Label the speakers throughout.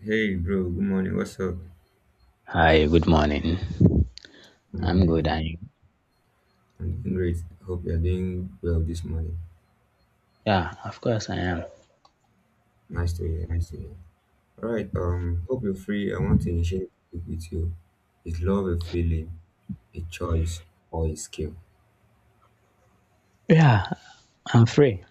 Speaker 1: Hey, bro. Good morning. What's up?
Speaker 2: Hi, good morning.
Speaker 1: Good
Speaker 2: I'm
Speaker 1: morning.
Speaker 2: good. I
Speaker 1: I'm doing great. Hope you're doing well this morning.
Speaker 2: Yeah, of course I am.
Speaker 1: Nice to hear. Nice to hear. All right. Hope you're free. I want to initiate it with you. Is love a feeling, a choice, or a skill?
Speaker 2: Yeah, I'm free.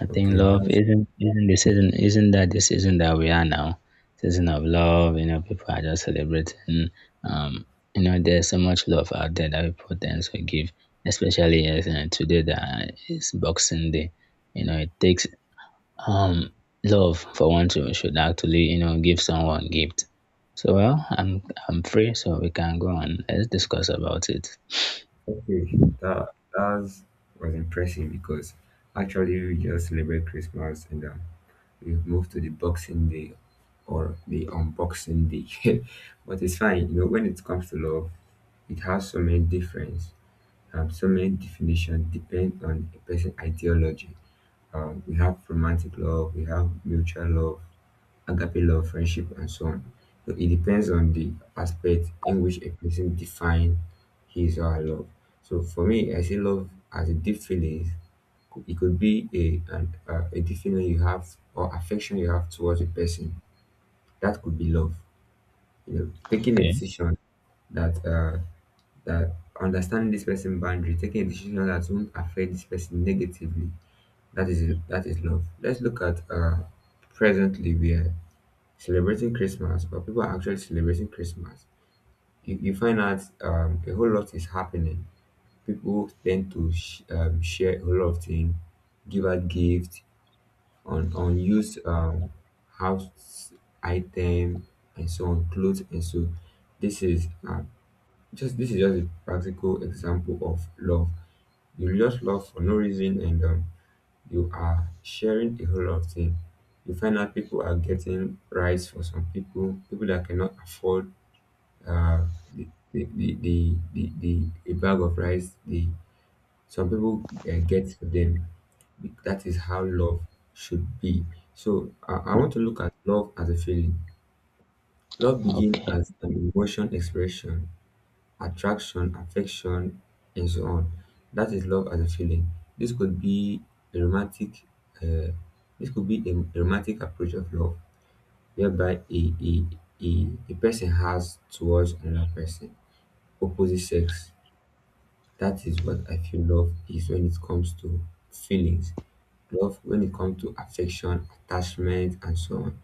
Speaker 2: I think
Speaker 1: Okay.
Speaker 2: love
Speaker 1: That's
Speaker 2: isn't isn't the season isn't that the season that we are now. Season of love, you know, people are just celebrating. Um, you know, there's so much love out there that people tend to give, especially as today that is Boxing Day. You know, it takes um love for one to should actually, you know, give someone gift. So well, I'm free, so we can go on. Let's discuss about it.
Speaker 1: okay. That was impressive because actually we just celebrate Christmas and we've moved to the Boxing Day or the Unboxing Day, but it's fine. You know, when it comes to love, it has so many difference. So many definitions depend on a person's ideology. We have romantic love, we have mutual love, agape love, friendship, and so on. So it depends on the aspect in which a person defines his or her love. So for me, I see love as a deep feeling. It could be a deep feeling you have or affection you have towards a person. That could be love. You know, taking a
Speaker 2: Okay.
Speaker 1: decision that uh, that understanding this person boundary, taking a decision that won't affect this person negatively. That is love. Let's look at presently we are celebrating Christmas, but people are actually celebrating Christmas. You find out a whole lot is happening. People tend to share a whole lot of things, give out gifts on used house item and so on, clothes and so. This is uh, this is just a practical example of love. You'll just laugh for no reason, and you are sharing a whole lot of things. You find out people are getting rice for some people, people that cannot afford uh, a bag of rice. Some people get to them. That is how love should be. So I want to look at love as a feeling. Love begins
Speaker 2: Okay.
Speaker 1: as an emotion expression, attraction, affection, and so on. That is love as a feeling. This could be a romantic. Uh, this could be a romantic approach of love, whereby a person has towards another person, opposite sex. That is what I feel love is when it comes to feelings. Love, when it comes to affection, attachment, and so on.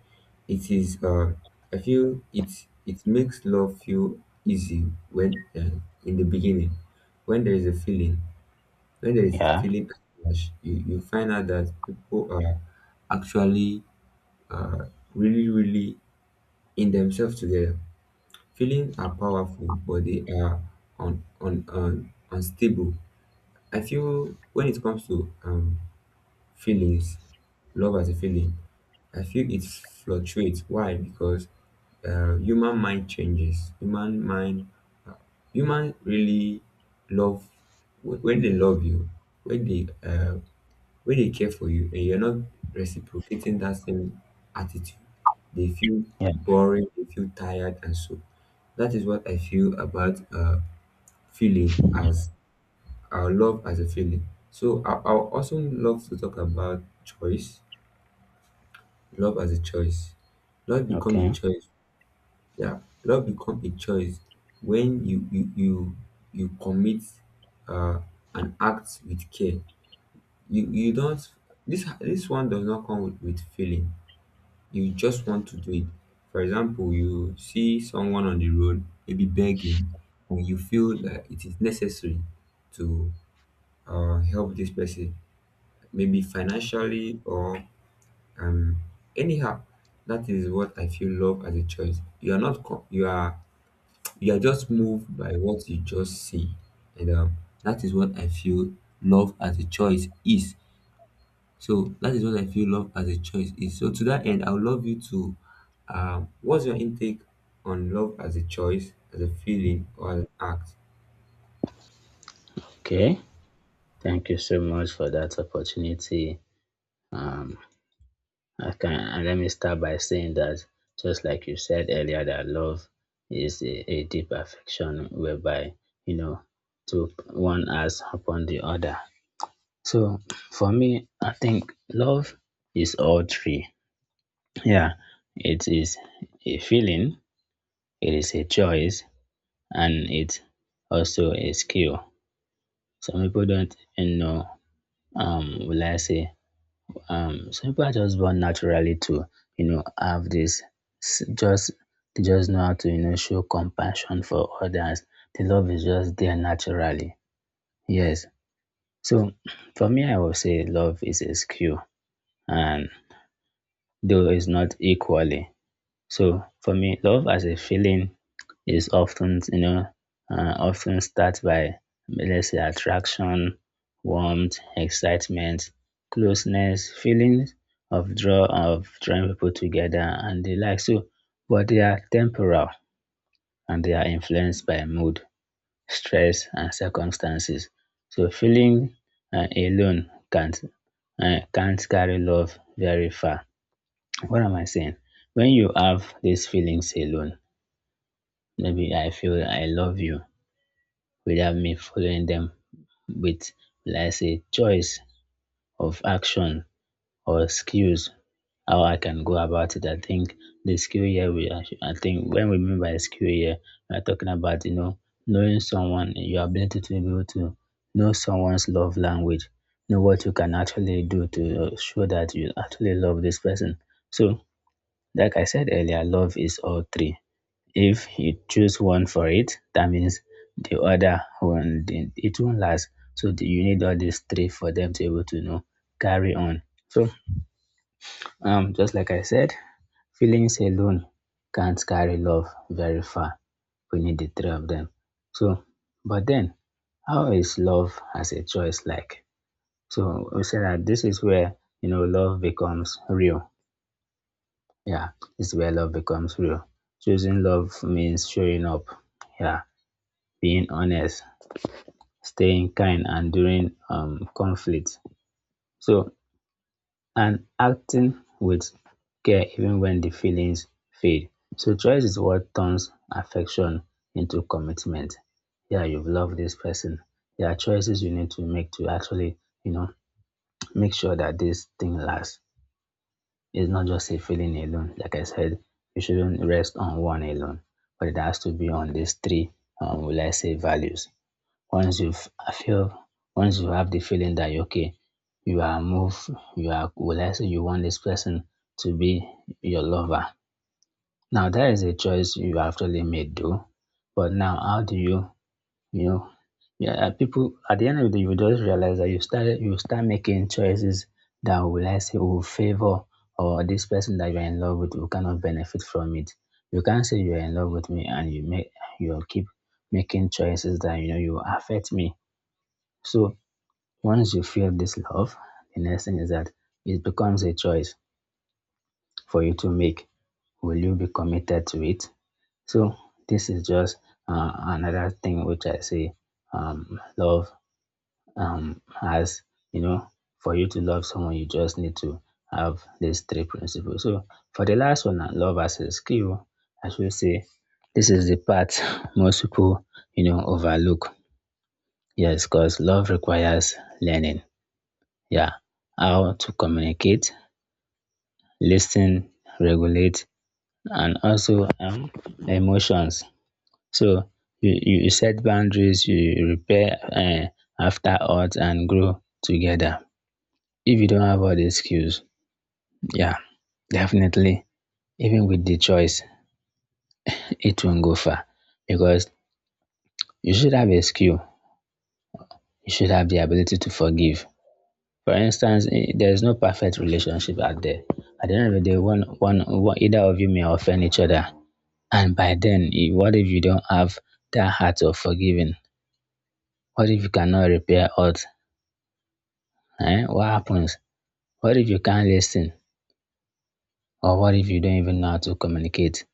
Speaker 1: It is, I feel it makes love feel easy when in the beginning, when there is a feeling, when there is
Speaker 2: Yeah.
Speaker 1: feeling attached, you find out that people are actually uh, really, really in themselves together. Feelings are powerful, but they are unstable. I feel when it comes to feelings, love as a feeling, I feel it fluctuates. Why? Because human mind changes. Human mind, uh, human really love when they love you, when they uh, when they care for you, and you're not reciprocating that same attitude. They feel
Speaker 2: Yeah.
Speaker 1: boring. They feel tired, and so that is what I feel about feeling as our love as a feeling. So I also love to talk about choice. Love as a choice. Love become a
Speaker 2: Okay.
Speaker 1: choice. Yeah, love become a choice when you commit uh, an act with care. You don't this one does not come with feeling. You just want to do it. For example, you see someone on the road maybe begging, and you feel that it is necessary to help this person maybe financially or um anyhow. That is what I feel love as a choice. You are not you are you are just moved by what you just see, and that is what I feel love as a choice is. So that is what I feel love as a choice is so to that end, I would love you to what's your intake on love as a choice, as a feeling, or an act?
Speaker 2: Okay. Thank you so much for that opportunity. Um, I can and let me start by saying that just like you said earlier, that love is a deep affection whereby you know to one has upon the other. So for me, I think love is all three. Yeah, it is a feeling, it is a choice, and it's also a skill. Some people don't you know will I say some people are just born naturally to you know have this s- just they just know how to you know show compassion for others. The love is just there naturally. Yes. So for me I would say love is a skill and though it's not equally. So for me love as a feeling is often you know often start by let's say attraction, warmth, excitement, closeness, feelings of drawing people together and the like. So, but they are temporal and they are influenced by mood, stress, and circumstances. So, feeling alone can't carry love very far. What am I saying? When you have these feelings alone, maybe I feel I love you without me following them with, will I say, choice of action or skills, how I can go about it. I think the skill here, I think when we mean by skill here, we are talking about, you know, knowing someone, your ability to be able to know someone's love language, know what you can actually do to show that you actually love this person. So, like I said earlier, love is all three if you choose one for it, that means the other one it won't last. So you need all these three for them to be able to know carry on. So just like I said, feelings alone can't carry love very far. We need the three of them. So, but then, how is love as a choice like? So we said that this is where you know love becomes real. Yeah, this is where love becomes real. Choosing love means showing up. Yeah, being honest, staying kind and during conflict. So, and acting with care even when the feelings fade. So, choice is what turns affection into commitment. Yeah, you've loved this person. There are choices you need to make to actually, you know, make sure that this thing lasts. It's not just a feeling alone. Like I said, you shouldn't rest on one alone, but it has to be on these three, will I say, values. Once you've I feel once you have the feeling that you are okay, you are moved, you are will I say you want this person to be your lover. Now that is a choice you actually made though. But now how do you you know yeah people at the end of the day you just realize that you start making choices that will I say will favor or this person that you're in love with will cannot benefit from it. You can't say you're in love with me and you will keep making choices that you know you affect me so once you feel this love, the next thing is that it becomes a choice for you to make. Will you be committed to it? So this is just another thing which I say love has, you know, for you to love someone, you just need to have these three principles. So for the last one, love as a skill, I should say this is the part most people, you know, overlook. Yes, because love requires learning. Yeah, how to communicate, listen, regulate, and also emotions. So you set boundaries, you repair after odds, and grow together. If you don't have all these skills, yeah, definitely, even with the choice, it won't go far because you should have a skill, you should have the ability to forgive. For instance, eh, there is no perfect relationship out there. At the end of the day, one either of you may offend each other. And by then, eh, what if you don't have that heart of forgiving? What if you cannot repair odds? Eh? What happens? What if you can't listen? Or what if you don't even know how to communicate?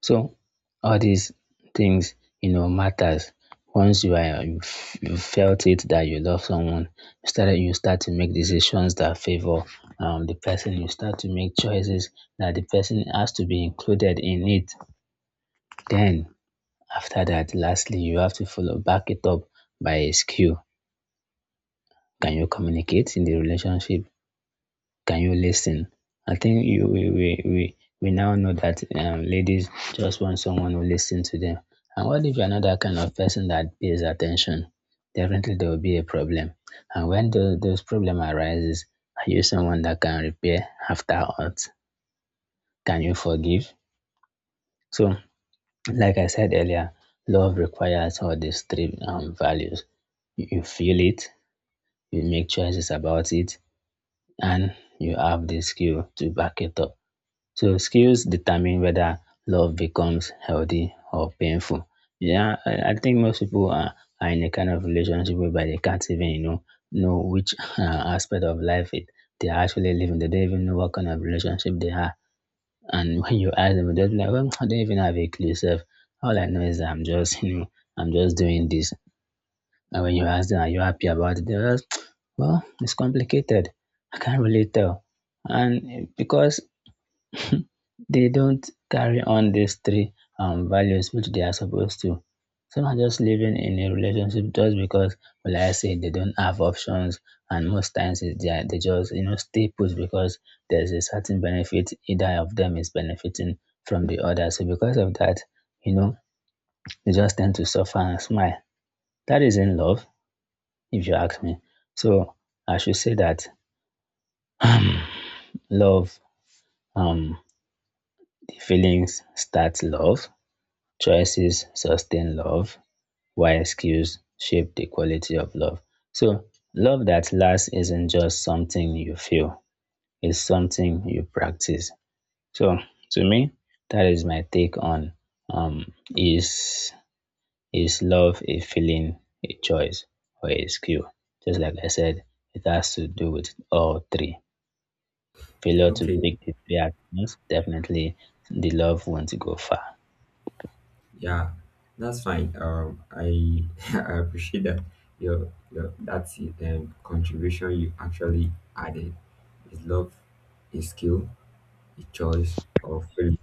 Speaker 2: So all these things, you know, matters. Once you felt it that you love someone, you start to make decisions that favor the person. You start to make choices that the person has to be included in it. Then after that, lastly, you have to follow back it up by a skill. Can you communicate in the relationship? Can you listen? I think you we now know that ladies just want someone who listens to them. And what if you're not that kind of person that pays attention? Definitely there will be a problem. And when those problem arises, are you someone that can repair after hurt? Can you forgive? So like I said earlier, love requires all these three values. You feel it, you make choices about it, and you have the skill to back it up. So skills determine whether love becomes healthy or painful. Yeah, I think most people are in a kind of relationship whereby they can't even, you know which aspect of life it they are actually living. They don't even know what kind of relationship they are and when you ask them, they'll be like, well, I don't even have a clue, self. All I know is that I'm just, you know, I'm just doing this. And when you ask them, are you happy about it? They're just, well, it's complicated. I can't really tell. And eh, because they don't carry on these three values which they are supposed to. Some are just living in a relationship just because, well, like I say they don't have options, and most times it's they just you know stay put because there's a certain benefit either of them is benefiting from the other. So because of that, you know, they just tend to suffer and smile. That is in love, if you ask me. So I should say that love, um, the feelings start love, choices sustain love, while skills shape the quality of love. So, love that lasts isn't just something you feel, it's something you practice. So, to me, that is my take on um, is is love a feeling, a choice, or a skill? Just like I said, it has to do with all three. Failure to
Speaker 1: Okay.
Speaker 2: pick the three at once, definitely the love won't go far.
Speaker 1: Yeah, that's fine. I I appreciate that your that's contribution you actually added. Is love a skill, a choice, or feeling?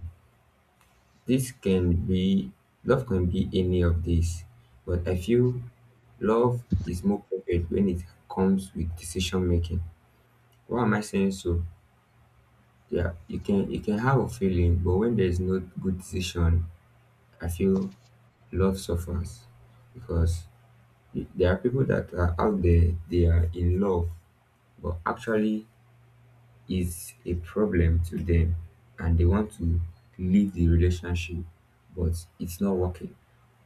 Speaker 1: This can be love can be any of these, but I feel love is more perfect when it comes with decision making. Why am I saying so? Yeah, you can have a feeling, but when there is no good decision, I feel love suffers because there are people that are out there, they are in love, but actually is a problem to them, and they want to leave the relationship, but it's not working.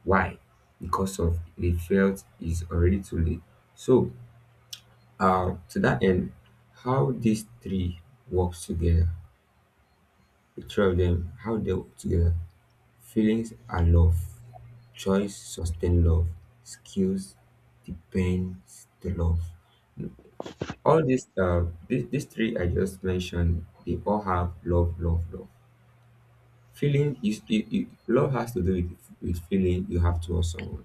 Speaker 1: Why? Because of they felt it's already too late. So, to that end, how these three works together, the three of them, how they work together, feelings are love, choice sustain love, skills depends the love. All these, these three I just mentioned, they all have love, love, love. Feeling is love has to do with feeling you have towards someone.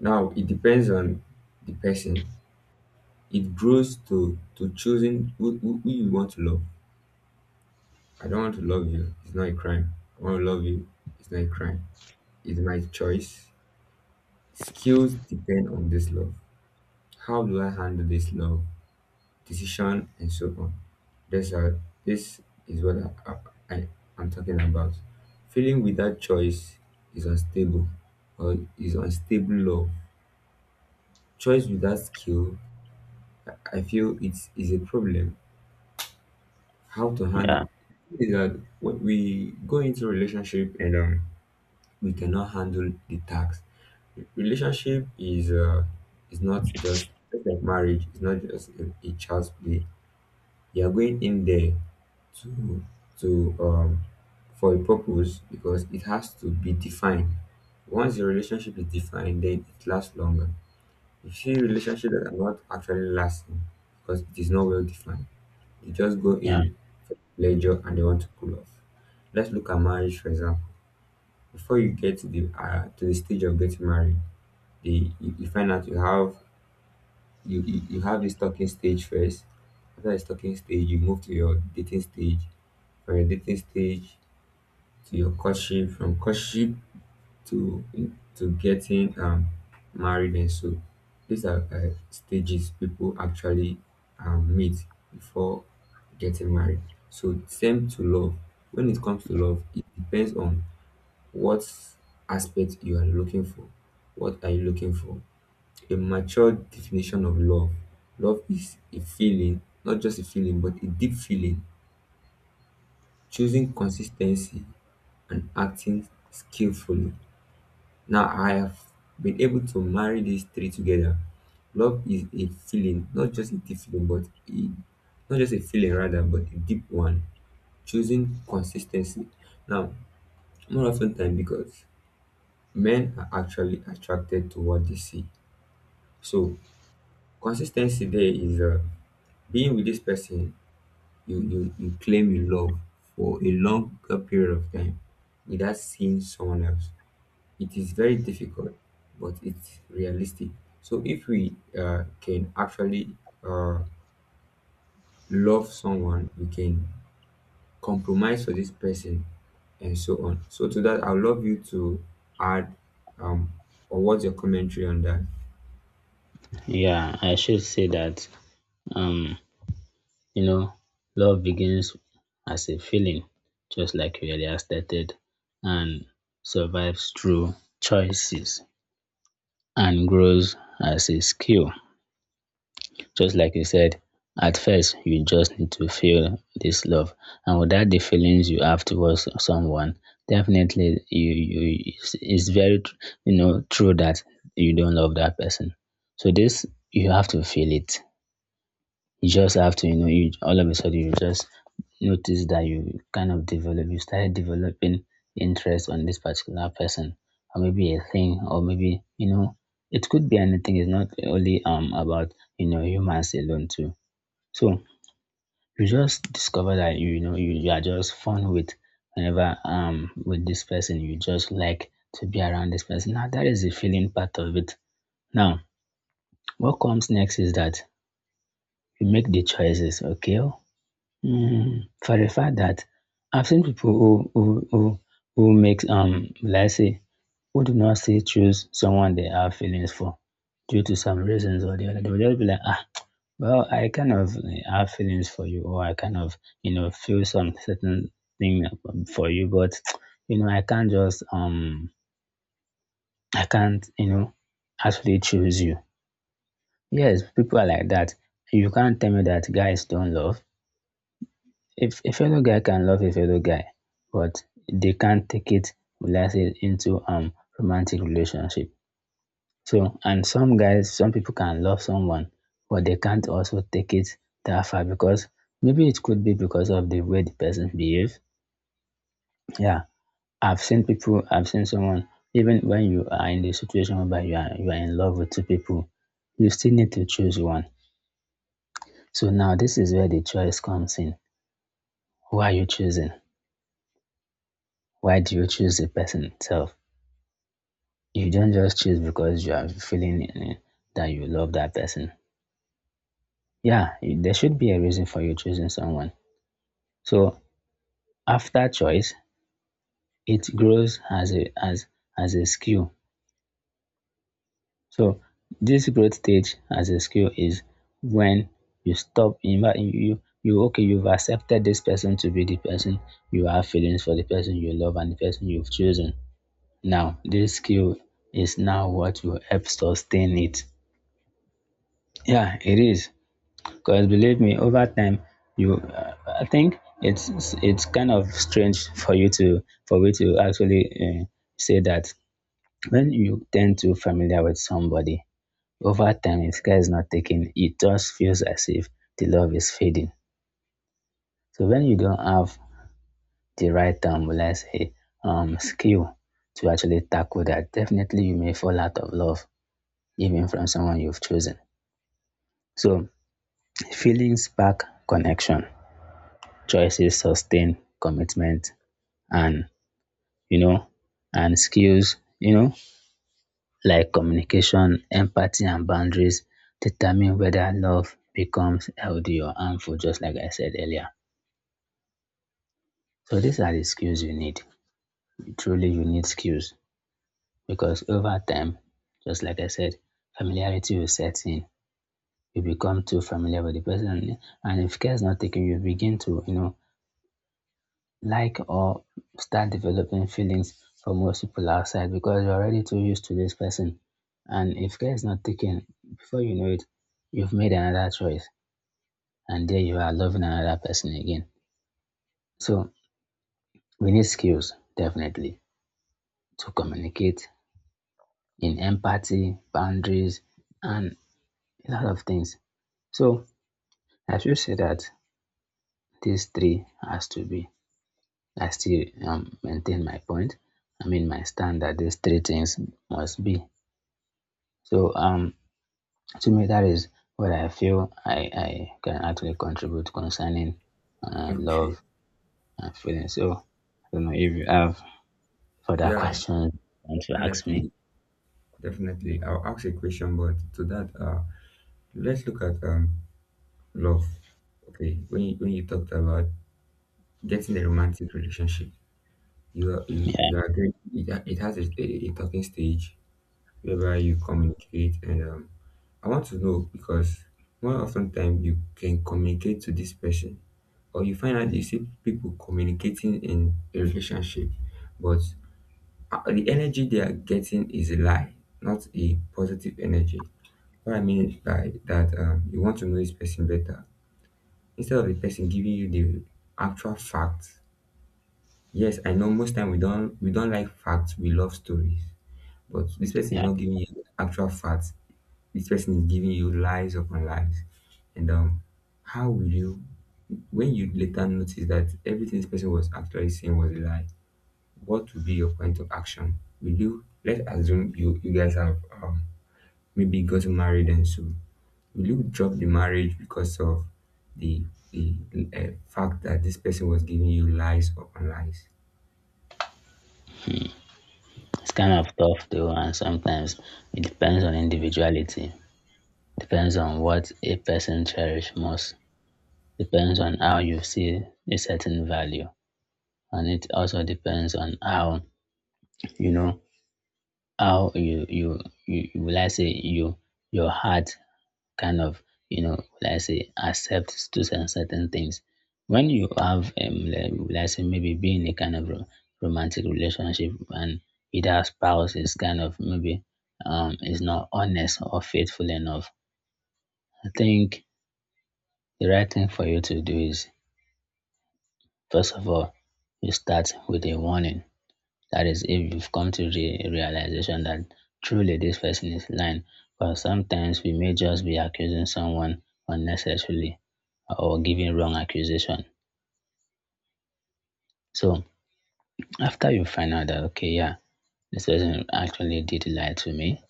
Speaker 1: Now it depends on the person. It grows to choosing who you want to love. I don't want to love you. It's not a crime. I want to love you. It's not a crime. It's my choice. Skills depend on this love. How do I handle this love? Decision, and so on. That's how, this is what I, I am talking about. Feeling without choice is unstable or is unstable love. Choice without skill, I feel it's a problem. How to handle
Speaker 2: Yeah,
Speaker 1: is that when we go into relationship, and we cannot handle the tax. Relationship is not just just like marriage. It's not just a child's play. You're going in there to to for a purpose because it has to be defined. Once your relationship is defined, then it lasts longer. You see relationships that are not actually lasting because it is not well defined. They just go
Speaker 2: yeah,
Speaker 1: in for pleasure and they want to cool off. Let's look at marriage, for example. Before you get to the stage of getting married, they you, you find out you have you have this talking stage first. After this talking stage, you move to your dating stage. From your dating stage to your courtship, from courtship to to getting married and so. These are stages people actually meet before getting married. So same to love. When it comes to love, it depends on what aspect you are looking for. What are you looking for? A mature definition of love. Love is a feeling, not just a feeling, but a deep feeling, choosing consistency and acting skillfully. Now, I have been able to marry these three together. Love is a feeling, not just a deep feeling, but a, not just a feeling rather, but a deep one, choosing consistency. Now, more often time because men are actually attracted to what they see. So, consistency there is being with this person you claim you love for a longer period of time without seeing someone else. It is very difficult, but it's realistic. So if we can actually uh, love someone, we can compromise for this person and so on. So to that, I'd love you to add um or what's your commentary on that?
Speaker 2: yeah. I should say that um, you know, love begins as a feeling, just like we earlier stated, and survives through choices and grows as a skill. Just like you said, at first you just need to feel this love, and without the feelings you have towards someone, definitely you it's very you know true that you don't love that person. So this you have to feel it you just have to, you know, you all of a sudden you just notice that you kind of develop, you started developing interest on this particular person, or maybe a thing, or maybe you know, it could be anything. It's not only about you know humans alone too. So you just discover that you know you are just fun with whenever with this person. You just like to be around this person. Now that is the feeling part of it. Now what comes next is that you make the choices. Okay, mm, for the fact that I've seen people who makes let's say who do not say choose someone they have feelings for due to some reasons or the other. They will just be like, ah, well, I kind of eh, have feelings for you, or I kind of you know feel some certain thing for you, but you know I can't just I can't you know actually choose you. Yes, people are like that. You can't tell me that guys don't love. If a fellow guy can love a fellow guy, but they can't take it, will I say, into romantic relationship. So, and some guys, some people can love someone, but they can't also take it that far because maybe it could be because of the way the person behaves. Yeah, I've seen people, I've seen someone, even when you are in the situation whereby you are in love with two people, you still need to choose one. So now this is where the choice comes in. Who are you choosing? Why do you choose the person itself? You don't just choose because you are feeling that you love that person. Yeah, there should be a reason for you choosing someone. So after choice, it grows as a as a skill. So this growth stage as a skill is when you stop in fact, okay you've accepted this person to be the person you have feelings for, the person you love, and the person you've chosen. Now this skill is now what will help sustain it. Yeah, it is. Because believe me, over time, you, uh, I think it's kind of strange for you to actually say that when you tend to familiar with somebody over time, if care is not taken, it just feels as if the love is fading. So when you don't have the right let's say, skill to actually tackle that, definitely you may fall out of love even from someone you've chosen. So feelings spark connection, choices sustain commitment, and you know and skills, like communication, empathy, and boundaries, determine whether love becomes healthy or harmful, just like I said earlier. So these are the skills you need. Truly, you need skills, because over time, just like I said, familiarity will set in. You become too familiar with the person, and if care is not taken, you begin to, like, or start developing feelings for most people outside, because you're already too used to this person. And if care is not taken, before you know it, you've made another choice. And there you are loving another person again. So we need skills, definitely, to communicate in empathy, boundaries, and a lot of things. So I should say that these three has to be. I still maintain my point. I mean, my stand that these three things must be. So to me, that is what I feel I can actually contribute concerning
Speaker 1: Okay.
Speaker 2: love and feeling. So I don't know if you have further
Speaker 1: Yeah,
Speaker 2: questions you want to ask me.
Speaker 1: definitely. Definitely, I'll ask a question, but to that let's look at love. Okay, when when you talked about getting a romantic relationship,
Speaker 2: Yeah,
Speaker 1: you agree it has a talking stage whereby you communicate, and I want to know because more often time you can communicate to this person, or you find out you see people communicating in a relationship, but the energy they are getting is a lie, not a positive energy. What I mean by that, you want to know this person better instead of the person giving you the actual facts. Yes, I know most time we don't like facts, we love stories, but this person is
Speaker 2: yeah.
Speaker 1: not giving you actual facts. This person is giving you lies upon lies, and how will you, when you later notice that everything this person was actually saying was a lie, what would be your point of action? Will you, let's assume you you guys have maybe gotten married and so Luke dropped the marriage because of the the fact that this person was giving you lies upon lies.
Speaker 2: It's kind of tough though, and sometimes it depends on individuality, depends on what a person cherish most, depends on how you see a certain value, and it also depends on how, you know how you will I say you, your heart, kind of, you know, will I say, accept to cer- certain things. When you have, like, will I say, maybe be in a kind of romantic relationship and either spouse is kind of maybe is not honest or faithful enough, I think the right thing for you to do is, first of all, you start with a warning. That is, if you've come to the realization that truly this person is lying, but sometimes we may just be accusing someone unnecessarily or giving wrong accusation. So after you find out that, okay, yeah, this person actually did lie to me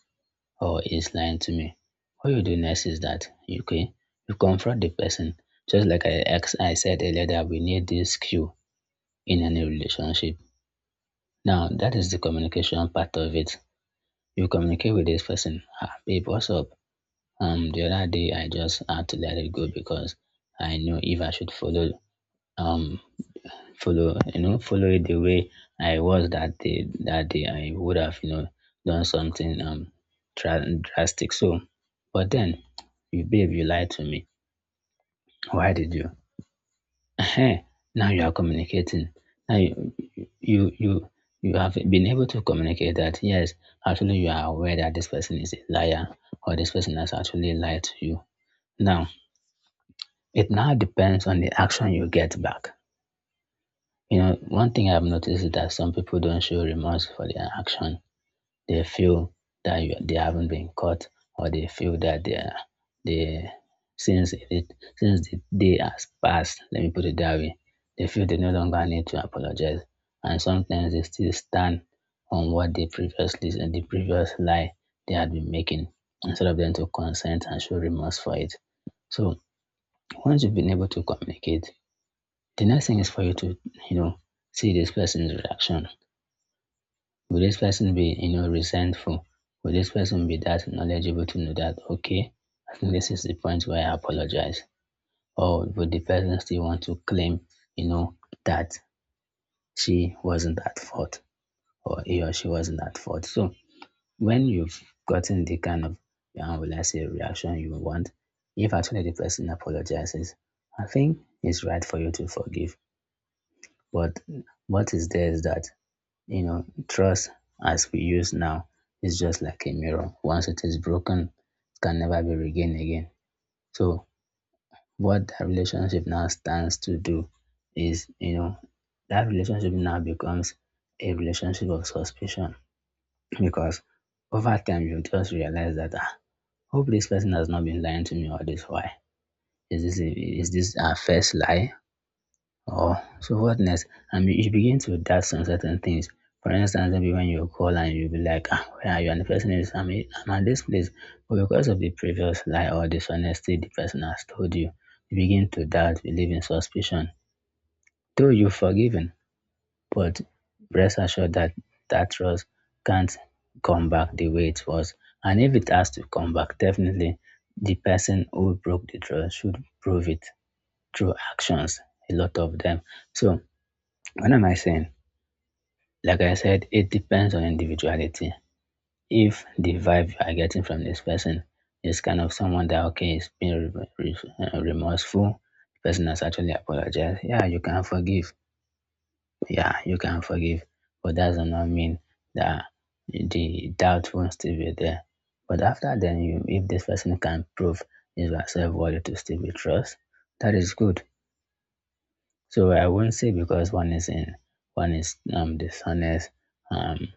Speaker 2: or is lying to me, what you do next is that, okay, you confront the person. Just like I said earlier, that we need this skill in any relationship. Now, that is the communication part of it. You communicate with this person, ah, babe, what's up? The other day I just had to let it go because I knew if I should follow, um, follow, you know, follow it the way I was that day I would have, you know, done something dra- drastic. So, but then, you babe, you lied to me. Why did you? Hey, now you are communicating. Now you you have been able to communicate that yes, actually you are aware that this person is a liar or this person has actually lied to you. Now it now depends on the action you get back. You know, one thing I've noticed is that some people don't show remorse for their action. They feel that you, they haven't been caught, or they feel that they are, they, since it, since the day has passed, let me put it that way, they feel they no longer need to apologize, and sometimes they still stand on what they previously and the previous lie they had been making, instead of them to consent and show remorse for it. So once you've been able to communicate, the next thing is for you to, you know, see this person's reaction. Will this person be, you know, resentful? Will this person be that knowledgeable to know that, okay, I think this is the point where I apologize? Or would the person still want to claim, you know, that she wasn't at fault or he or she wasn't at fault? So when you've gotten the kind of, how will I say, reaction you want, if actually the person apologizes, I think it's right for you to forgive. But what is there is that, you know, trust as we use now is just like a mirror. Once it is broken, it can never be regained again. So what that relationship now stands to do is, you know, that relationship now becomes a relationship of suspicion because over time you just realize that, ah, hope this person has not been lying to me all this while. Is this, is this our first lie? Oh, so what hotness, and you begin to doubt some certain things. For instance, maybe when you call and you'll be like, ah, where are you? And the person is, I'm, I'm at this place. But because of the previous lie or dishonesty the person has told you, you begin to doubt, believe in suspicion. Though you've forgiven, but rest assured that that trust can't come back the way it was. And if it has to come back, definitely the person who broke the trust should prove it through actions, a lot of them. So what am I saying? Like I said, it depends on individuality. If the vibe you are getting from this person is kind of someone that okay is being remorseful, the person has actually apologized, yeah, you can forgive. Yeah, you can forgive, but that does not mean that the doubt won't still be there. But after then, you, if this person can prove is yourself worthy to still be trust, that is good. So I won't say because one is dishonest, um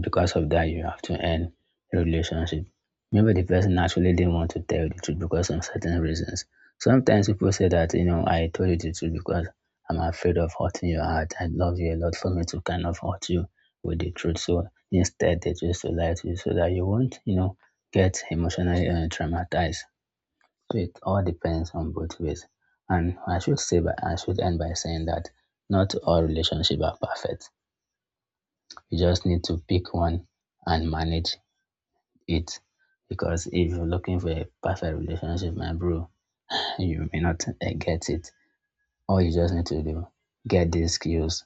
Speaker 2: because of that you have to end the relationship. Maybe the person actually didn't want to tell you the truth because of certain reasons. Sometimes people say that, you know, I told you the truth because I'm afraid of hurting your heart. I love you a lot for me to kind of hurt you with the truth. So instead they choose to lie to you so that you won't, you know, get emotionally traumatized. So it all depends on both ways. And I should say by, I should end by saying that not all relationships are perfect. You just need to pick one and manage it, because if you're looking for a perfect relationship, my bro, you may not get it. All you just need to do, get these skills,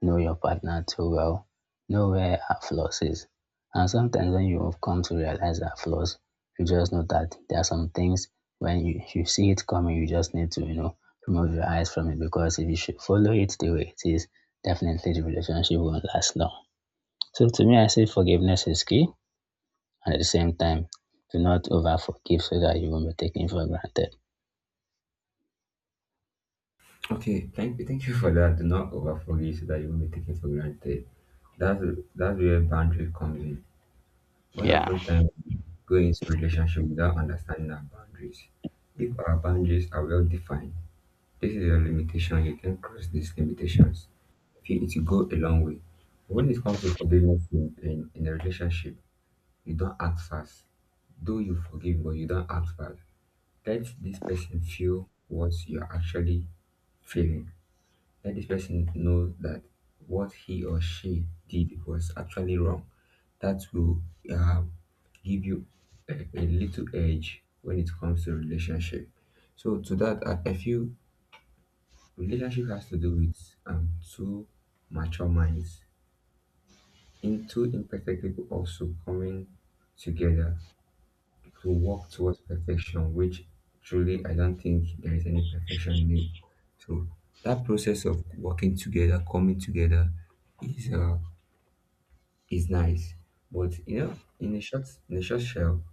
Speaker 2: know your partner too well, know where her flaws is. And sometimes when you have come to realize her flaws, you just know that there are some things when you see it coming, you just need to, you know, remove your eyes from it, because if you should follow it the way it is, definitely the relationship won't last long. So to me, I say forgiveness is key, and at the same time, do not over forgive so that you won't be taken for granted.
Speaker 1: Okay, thank you for that. Do not overforgive so that you won't be taken for granted. That's that's where boundary comes in. Most
Speaker 2: Yeah.
Speaker 1: often time we go into relationship without understanding our boundaries. If our boundaries are well defined, this is your limitation, you can cross these limitations. If you, it will go a long way. When it comes to forgiveness in a relationship, you don't act fast. Though you forgive but you don't ask back, let this person feel what you're actually feeling. Let this person know that what he or she did was actually wrong. That will um, give you a little edge when it comes to relationship. So to that, I feel relationship has to do with two mature minds, in two imperfect people also coming together to work towards perfection, which truly I don't think there is any perfection in it. So that process of working together, coming together, is uh, is nice. But you know, in a short shell,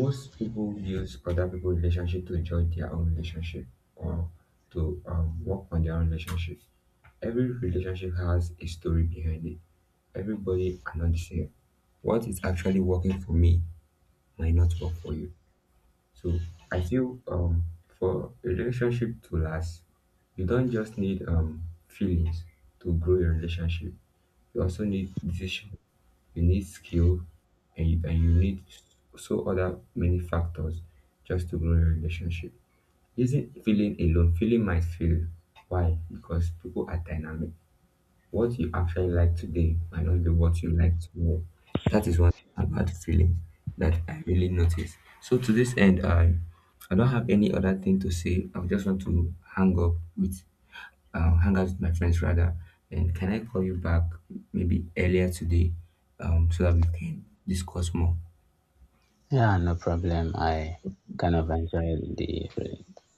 Speaker 1: most people use other people's relationship to judge their own relationship or to work on their own relationship. Every relationship has a story behind it. Everybody are not the same. What is actually working for me might not work for you. So I feel for a relationship to last, you don't just need feelings to grow your relationship. You also need decision, you need skill, and you need so other many factors just to grow your relationship. Isn't feeling alone? Feeling might fail. Why? Because people are dynamic. What you actually like today might not be what you like tomorrow. That is one thing about feelings that I really notice. So to this end, I don't have any other thing to say. I just want to hang up with hang out with my friends rather. And can I call you back maybe earlier today, so that we can discuss more?
Speaker 2: Yeah, no problem. I kind of enjoyed the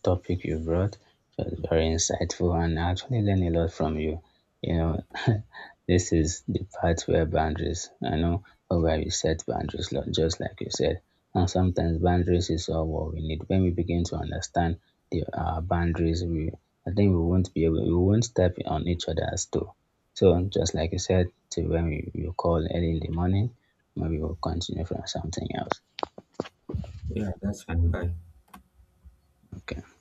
Speaker 2: topic you brought. It was very insightful, and I actually learned a lot from you. You know, this is the part where boundaries, I know, where you set boundaries, lo- just like you said. And sometimes boundaries is all what we need. When we begin to understand the boundaries, we, I think we won't be able, we won't step on each other's toe. So just like you said, to when we, you call early in the morning, maybe we'll continue from something else.
Speaker 1: Yeah, that's fine. Bye.
Speaker 2: Okay.